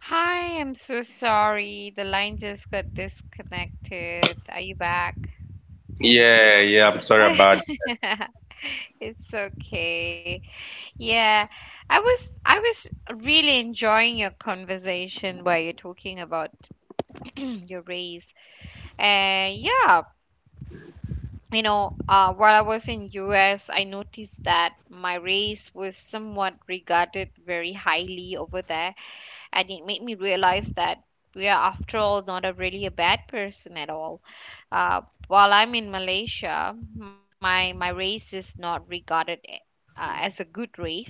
Hi, I'm so sorry. The line just got disconnected. Are you back? Yeah, yeah, I'm sorry about (laughs) It's okay. Yeah, I was really enjoying your conversation where you're talking about (clears throat) your race. And yeah, while I was in US, I noticed that my race was somewhat regarded very highly over there, and it made me realize that we are, after all, not a really a bad person at all. Uh, while I'm in Malaysia, my race is not regarded as a good race,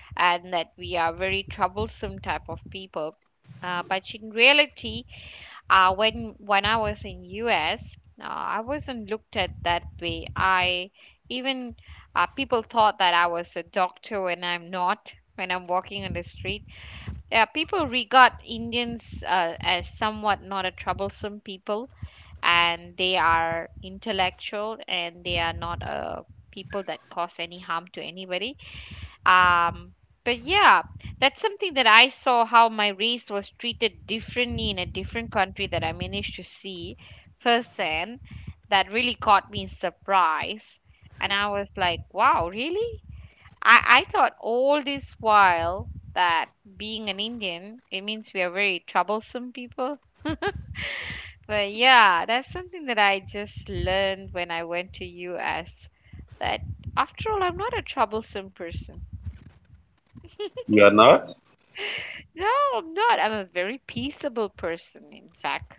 and that we are very troublesome type of people. But in reality, when I was in US, uh, I wasn't looked at that way. I even people thought that I was a doctor when I'm not. When I'm walking on the street, yeah, people regard Indians as somewhat not a troublesome people, and they are intellectual and they are not people that cause any harm to anybody. Um, but yeah, that's something that I saw how my race was treated differently in a different country that I managed to see firsthand. That really caught me in surprise. And I was like, wow, really? I thought all this while that being an Indian, it means we are very troublesome people. But yeah, that's something that I just learned when I went to US that after all, I'm not a troublesome person. you're not. No, I'm not. I'm a very peaceable person, in fact.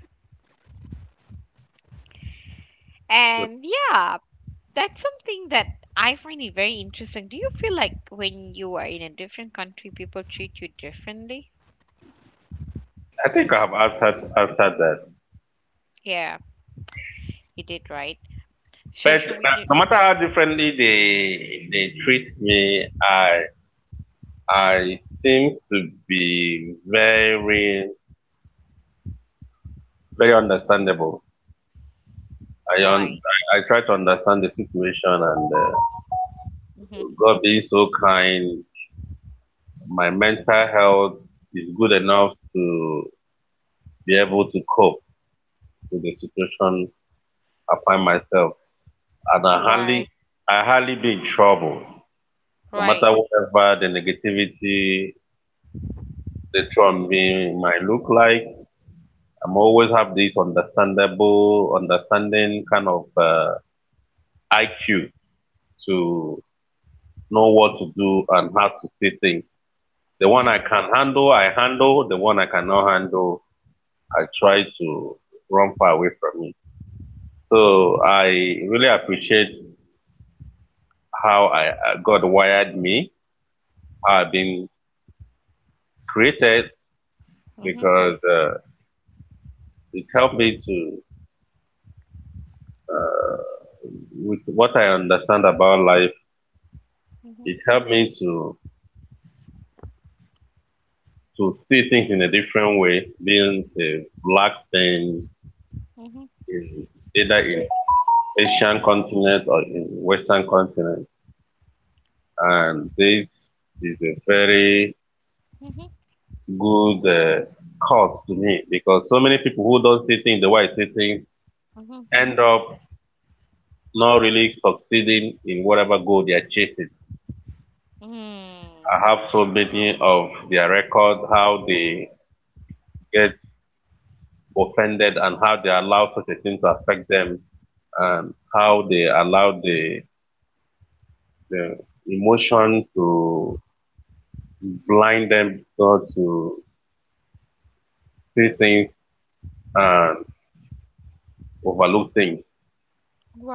And yeah, that's something that I find it very interesting. Do you feel like when you are in a different country, people treat you differently? I think I have answered that. Yeah, you did right. So But should we no do? matter how differently they treat me, I seem to be very understandable. Right. I try to understand the situation and Mm-hmm. God being so kind, my mental health is good Mm-hmm. enough to be able to cope with the situation I find myself, and Mm-hmm. Right. I hardly be in trouble. No matter Right. whatever the negativity the from me might look like, I'm always have this understanding kind of IQ to know what to do and how to see things. The one I Hmm. can handle, I handle. The one I cannot handle, I try to run far away from it. So I really appreciate how I God wired me, how I've been created Mm-hmm. Mm-hmm. because it helped me to with what I understand about life, Mm-hmm. it helped me to see things in a different way, being a black thing in either in Asian continent or in Western continent. And this is a very Mm-hmm. good cause to me because so many people who don't see things the way I see things Mm-hmm. end up not really succeeding in whatever goal they are chasing. Mm. I have so many of their records, how they get offended and how they allow such a thing to affect them and how they allow the emotion to blind them not to see things and overlook things.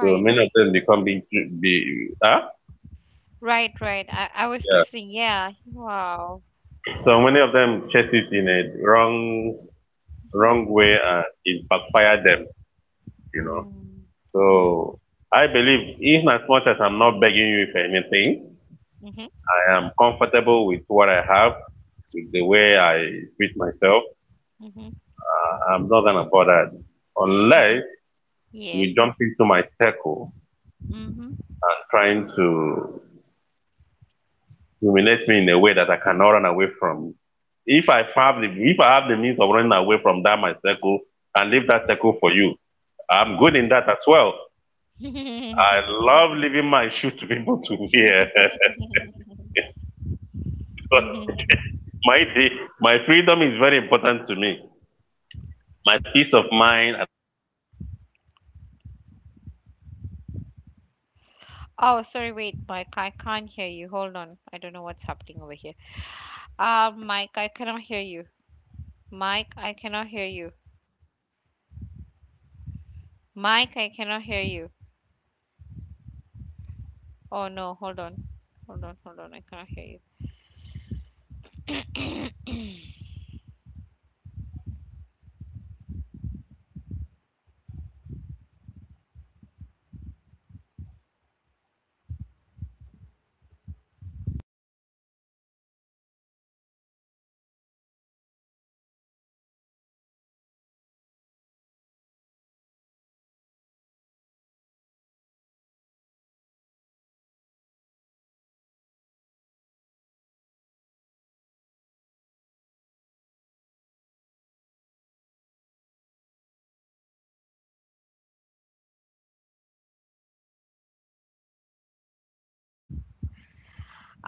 So many of them become be huh? right, right. I was Yeah. listening. Yeah. Wow. So many of them chase it in a wrong Mhm. wrong way and it backfire them, you know. Mm. So Mm. I believe in as much as I'm not begging you for anything, Mhm. I'm comfortable with what I have, with the way I treat myself. Mhm. I'm not gonna bother unless Yeah. you jump into my circle Mhm. trying to humiliate me in a way that I cannot run away from. If I have the means of running away from that my circle and leave that circle for you, I'm good in that as well. I (laughs) love leaving my shoe to people to wear. (laughs) But my my freedom is very important to me. My peace of Oh, sorry, wait, Mike. I can't hear you. Hold on. I don't know what's happening over here. Mike, I cannot hear you. Mike, I cannot hear you. Mike, I cannot hear you. Oh no, hold on. Hold on, hold on. I cannot hear you. (clears throat) (coughs)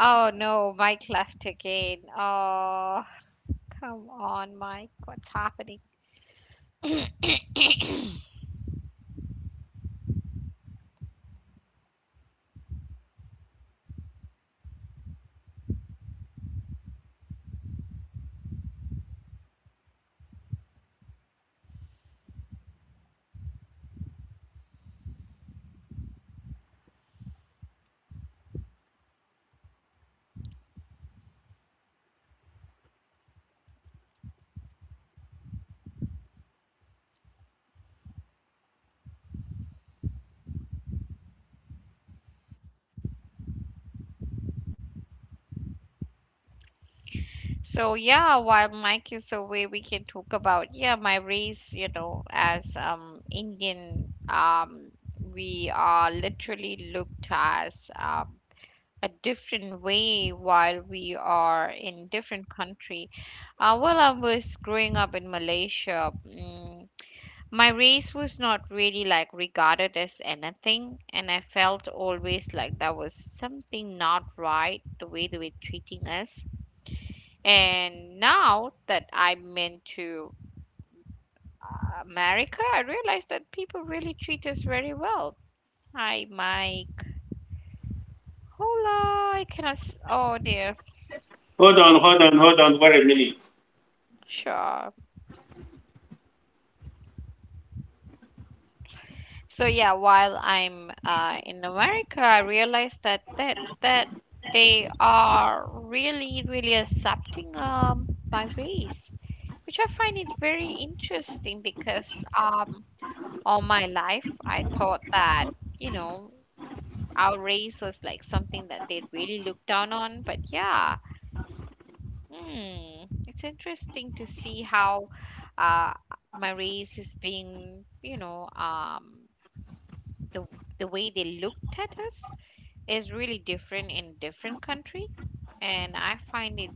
Oh no, Mike left again. Oh, come on, Mike. What's happening? (coughs) So yeah, while Mike is away, we can talk about, yeah, my race. You know, as Indian, we are literally looked as a different way while we are in different country. Well, I was growing up in Malaysia. My race was not really like regarded as anything, and I felt always like there was something not right the way they were treating us. And now that I'm into America, I realize that people really treat us very well. Hi, Mike. Hola, I cannot. Oh dear. Hold on. Wait a minute. Sure. So yeah, while I'm in America, I realized that that they are really really accepting my race, which I find it very interesting because all my life I thought that you know our race was like something that they really looked down on, but yeah, hmm, it's interesting to see how uh my race is being, the the way they looked at us is really different in different country, and I find it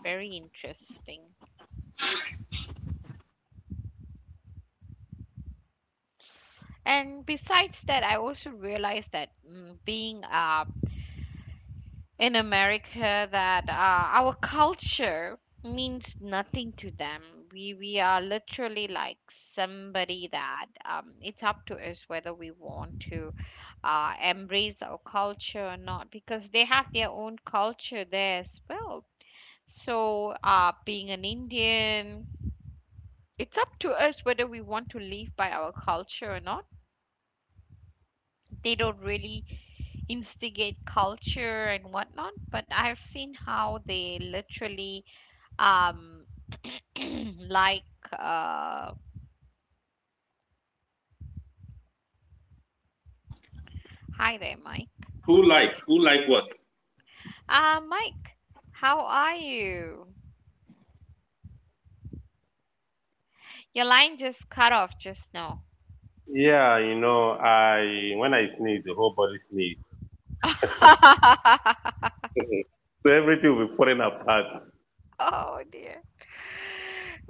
very interesting. And besides that, I also realized that, being in America, that our culture means nothing to them. We are literally like somebody that, it's up to us whether we want to embrace our culture or not, because they have their own culture there as well. So, being an Indian, it's up to us whether we want to live by our culture or not. They don't really instigate culture and whatnot, but I've seen how they literally um, (clears throat) like. Uh, Hi there, Mike. Who like? Who like what? Mike, how are you? Your line just cut off just now. Yeah, you know, I when I sneeze, the whole body sneeze. (laughs) So everything will be falling apart. Oh dear.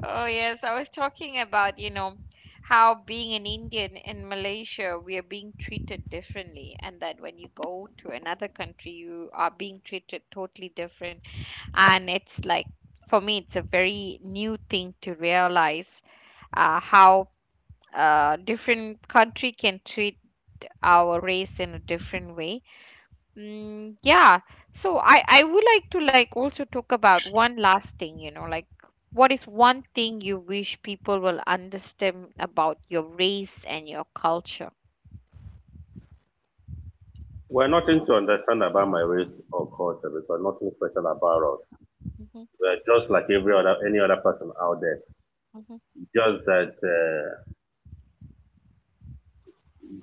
Oh, yes. I was talking about, you know, how being an Indian in Malaysia, we are being treated differently, and that when you go to another country, you are being treated totally different. And it's like, for me, it's a very new thing to realize how different country can treat our race in a different way. Mm, yeah. So I would like to like also talk about one last thing, you know, like what is one thing you wish people will understand about your race and your culture? We're nothing to understand about my race or culture because nothing special about us. Hmm. We're just like every other any other person out there. Hmm. Just that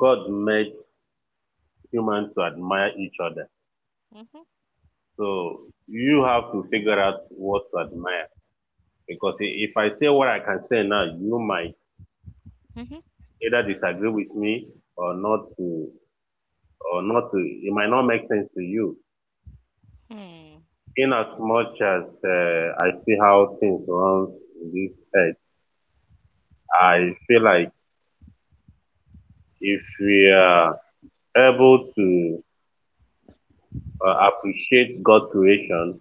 God made humans to admire each other. Hmm. So you have to figure out what to admire. Because if I say what I can say now, you might Hmm. either disagree with me or not to it might not make sense to you Hmm. in as much as I see how things run in this earth. I feel like if we are able to appreciate God's creation,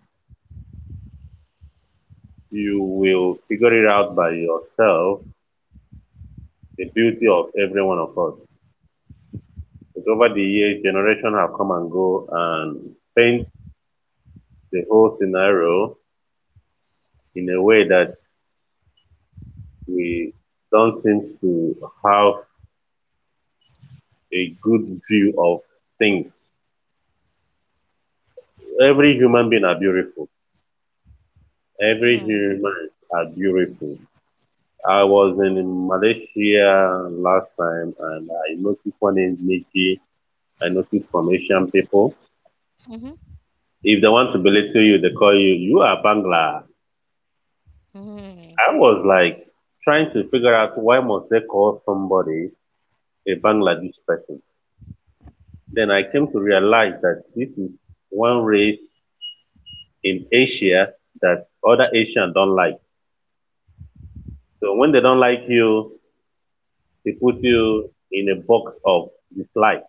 you will figure it out by yourself, the beauty of every one of us, because over the years generations have come and go and paint the whole scenario in a way that we don't seem to have a good view of things. Every human being are beautiful. Every Hmm. human are beautiful. I was in Malaysia last time and I noticed one in Nikki. I noticed from Asian people. Hmm. If they want to belittle you, they call you, you are Bangla. Hmm. I was like trying to figure out why must they call somebody a Bangladesh person. Then I came to realize that this is one race in Asia that other Asians don't like. So when they don't like you, they put you in a box of dislike.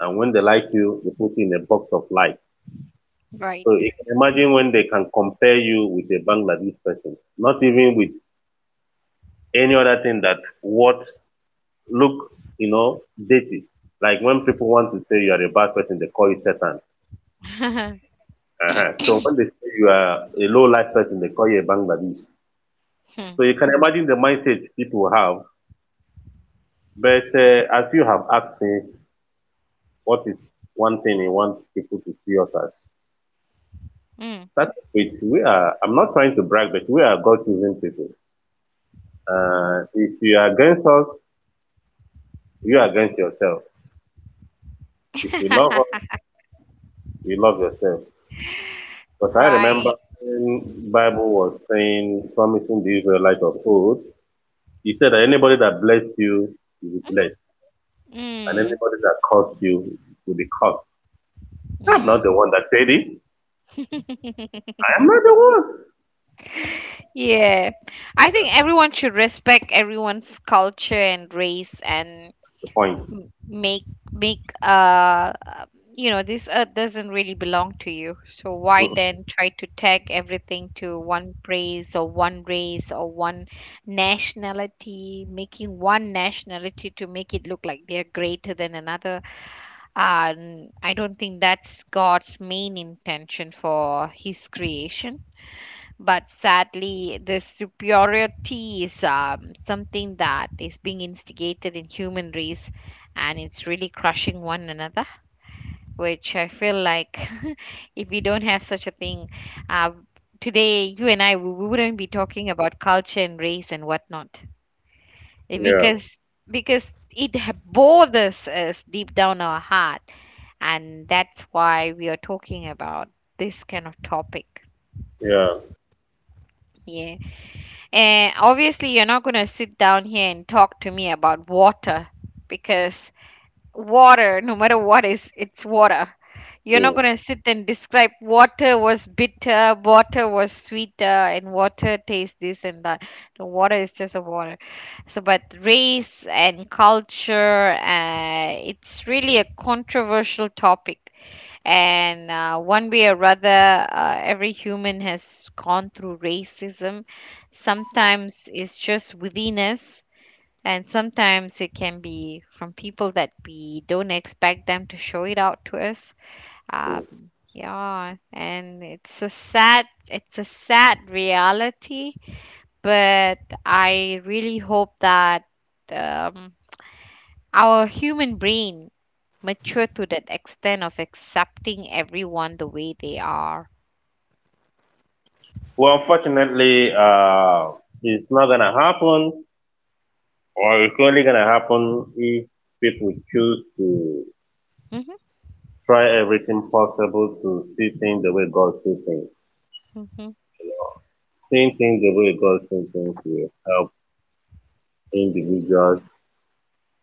And when they like you, they put you in a box of like. So Right. you can imagine when they can compare you with a Bangladesh person, not even with any other thing that what look, you know, dated. Like when people want to say you are a bad person, they call you Satan. (laughs) Uh-huh. So when they say you are a low life person, they call you a Bangladesh. Hmm. So you can imagine the mindset people have. But as you have asked me, what is one thing you want people to see us as? Hmm. That's which we are. I'm not trying to brag, but we are God choosing people. If you are against us, you are against yourself. If you love (laughs) us, you love yourself. Because I remember Right. when Bible was saying, promising the Israelites of old, He said that anybody that blessed you will be blessed, and Mm. anybody that cursed you will be cursed. I'm not the Mm. one that said it. I (laughs) am not the one. Yeah. I think everyone should respect everyone's culture and race, and The point. m- make make you know, this earth doesn't really belong to you, so why Mm. then try to tag everything to one race, or one nationality, making one nationality to make it look like they're greater than another. And I don't think that's God's main intention for his creation. But sadly, this superiority is, something that is being instigated in human race, and it's really crushing one another, which I feel like (laughs) if we don't have such a thing, uh, today you and I, we wouldn't be talking about culture and race and whatnot. Eh, Yeah, because bothers us deep down our heart, and that's why we are talking about this kind of topic. yeah. Yeah. And obviously, you're not going to sit down here and talk to me about water, because water, no matter what is, it's water. You're not Mm. going to sit and describe water was bitter, water was sweeter, and water tastes this and that. No, water is just a water. So, but race and culture, it's really a controversial topic. And one way or other, every human has gone through racism. Sometimes it's just within us, and sometimes it can be from people that we don't expect them to show it out to us. Yeah, and it's a sad reality. But I really hope that. Um, our human brain mature to that extent of accepting everyone the way they are. Well, unfortunately, it's not gonna happen, or it's only gonna happen if people choose to Mhm, try everything possible to see things the way God sees things. mhm, Seeing things the way God sees things will help individuals.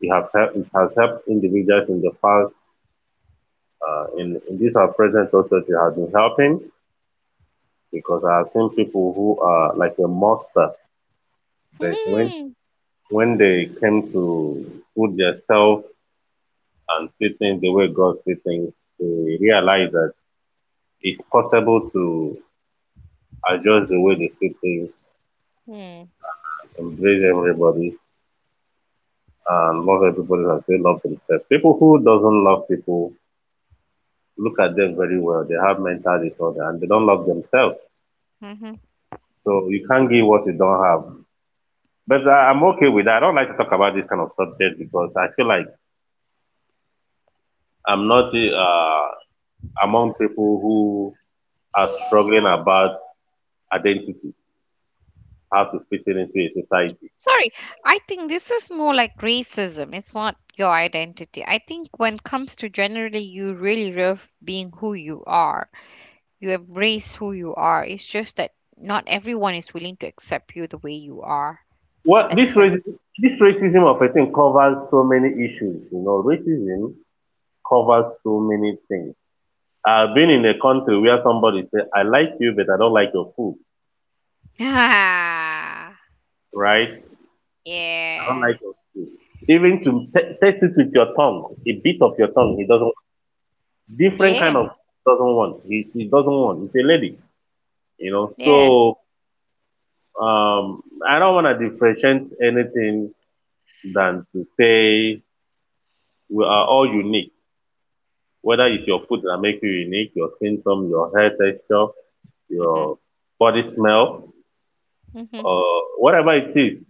It has helped individuals in the past. In this our present also, it has been helping because I have seen people who are like a monster, but when mhm, when they came to put themselves and see things the way God sees things, they realize that it's possible to adjust the way they see things, mhm, embrace everybody, and love everybody as they love themselves. People who doesn't love people look at them very well. They have mental disorder and they don't love themselves. mhm. So you can't give what you don't have. But I'm okay with that. I don't like to talk about this kind of subject because I feel like I'm not among people who are struggling about identity, how to fit in into a society. Sorry, I think this is more like racism. It's not your identity. I think when it comes to generally, you really love being who you are. You embrace who you are. It's just that not everyone is willing to accept you the way you are. Well, That's why. (laughs) This racism of a thing covers so many issues. You know, racism covers so many things. I've been in a country where somebody said, "I like you, but I don't like your food." Ah, Right? I don't like your yes. food. Even to taste it with your tongue, a bit of your tongue, he doesn't. Different kind Yeah, of doesn't want. He doesn't want. He's a lady. You know, yeah. so um, I don't want to differentiate anything than to say we are all unique, whether it's your food that make you unique, your skin tone, your hair texture, your Mhm. body smell, Mm-hmm. or whatever it is,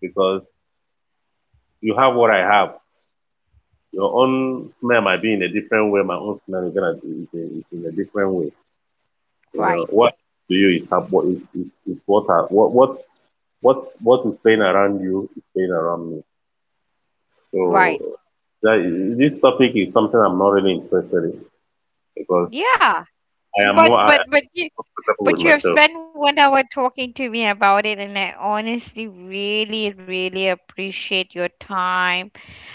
because you have what I have. Your own smell might be in a different way. My own smell is gonna be is in a different way. You know Right, what to you is is what is playing around you is playing around me. So right. that, this topic is something I'm not really interested in because Yeah, (laughs) but I am but but you comfortable with but you have myself. spent 1 hour talking to me about it, and I honestly really really appreciate your time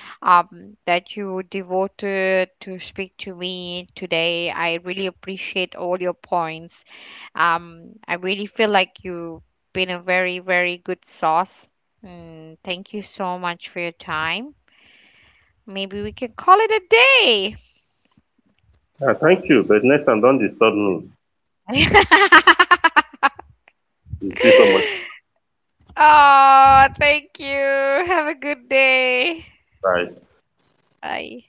that you devoted to speak to me today. I really appreciate all your points. I really feel like you've been a very very good source. Mm, thank you so much for your time. Maybe we can call it a Yeah, thank you, but next time don't disturb me. day. (laughs) Thank you so much. (laughs) Oh, thank you. Have a good day. Bye. Bye.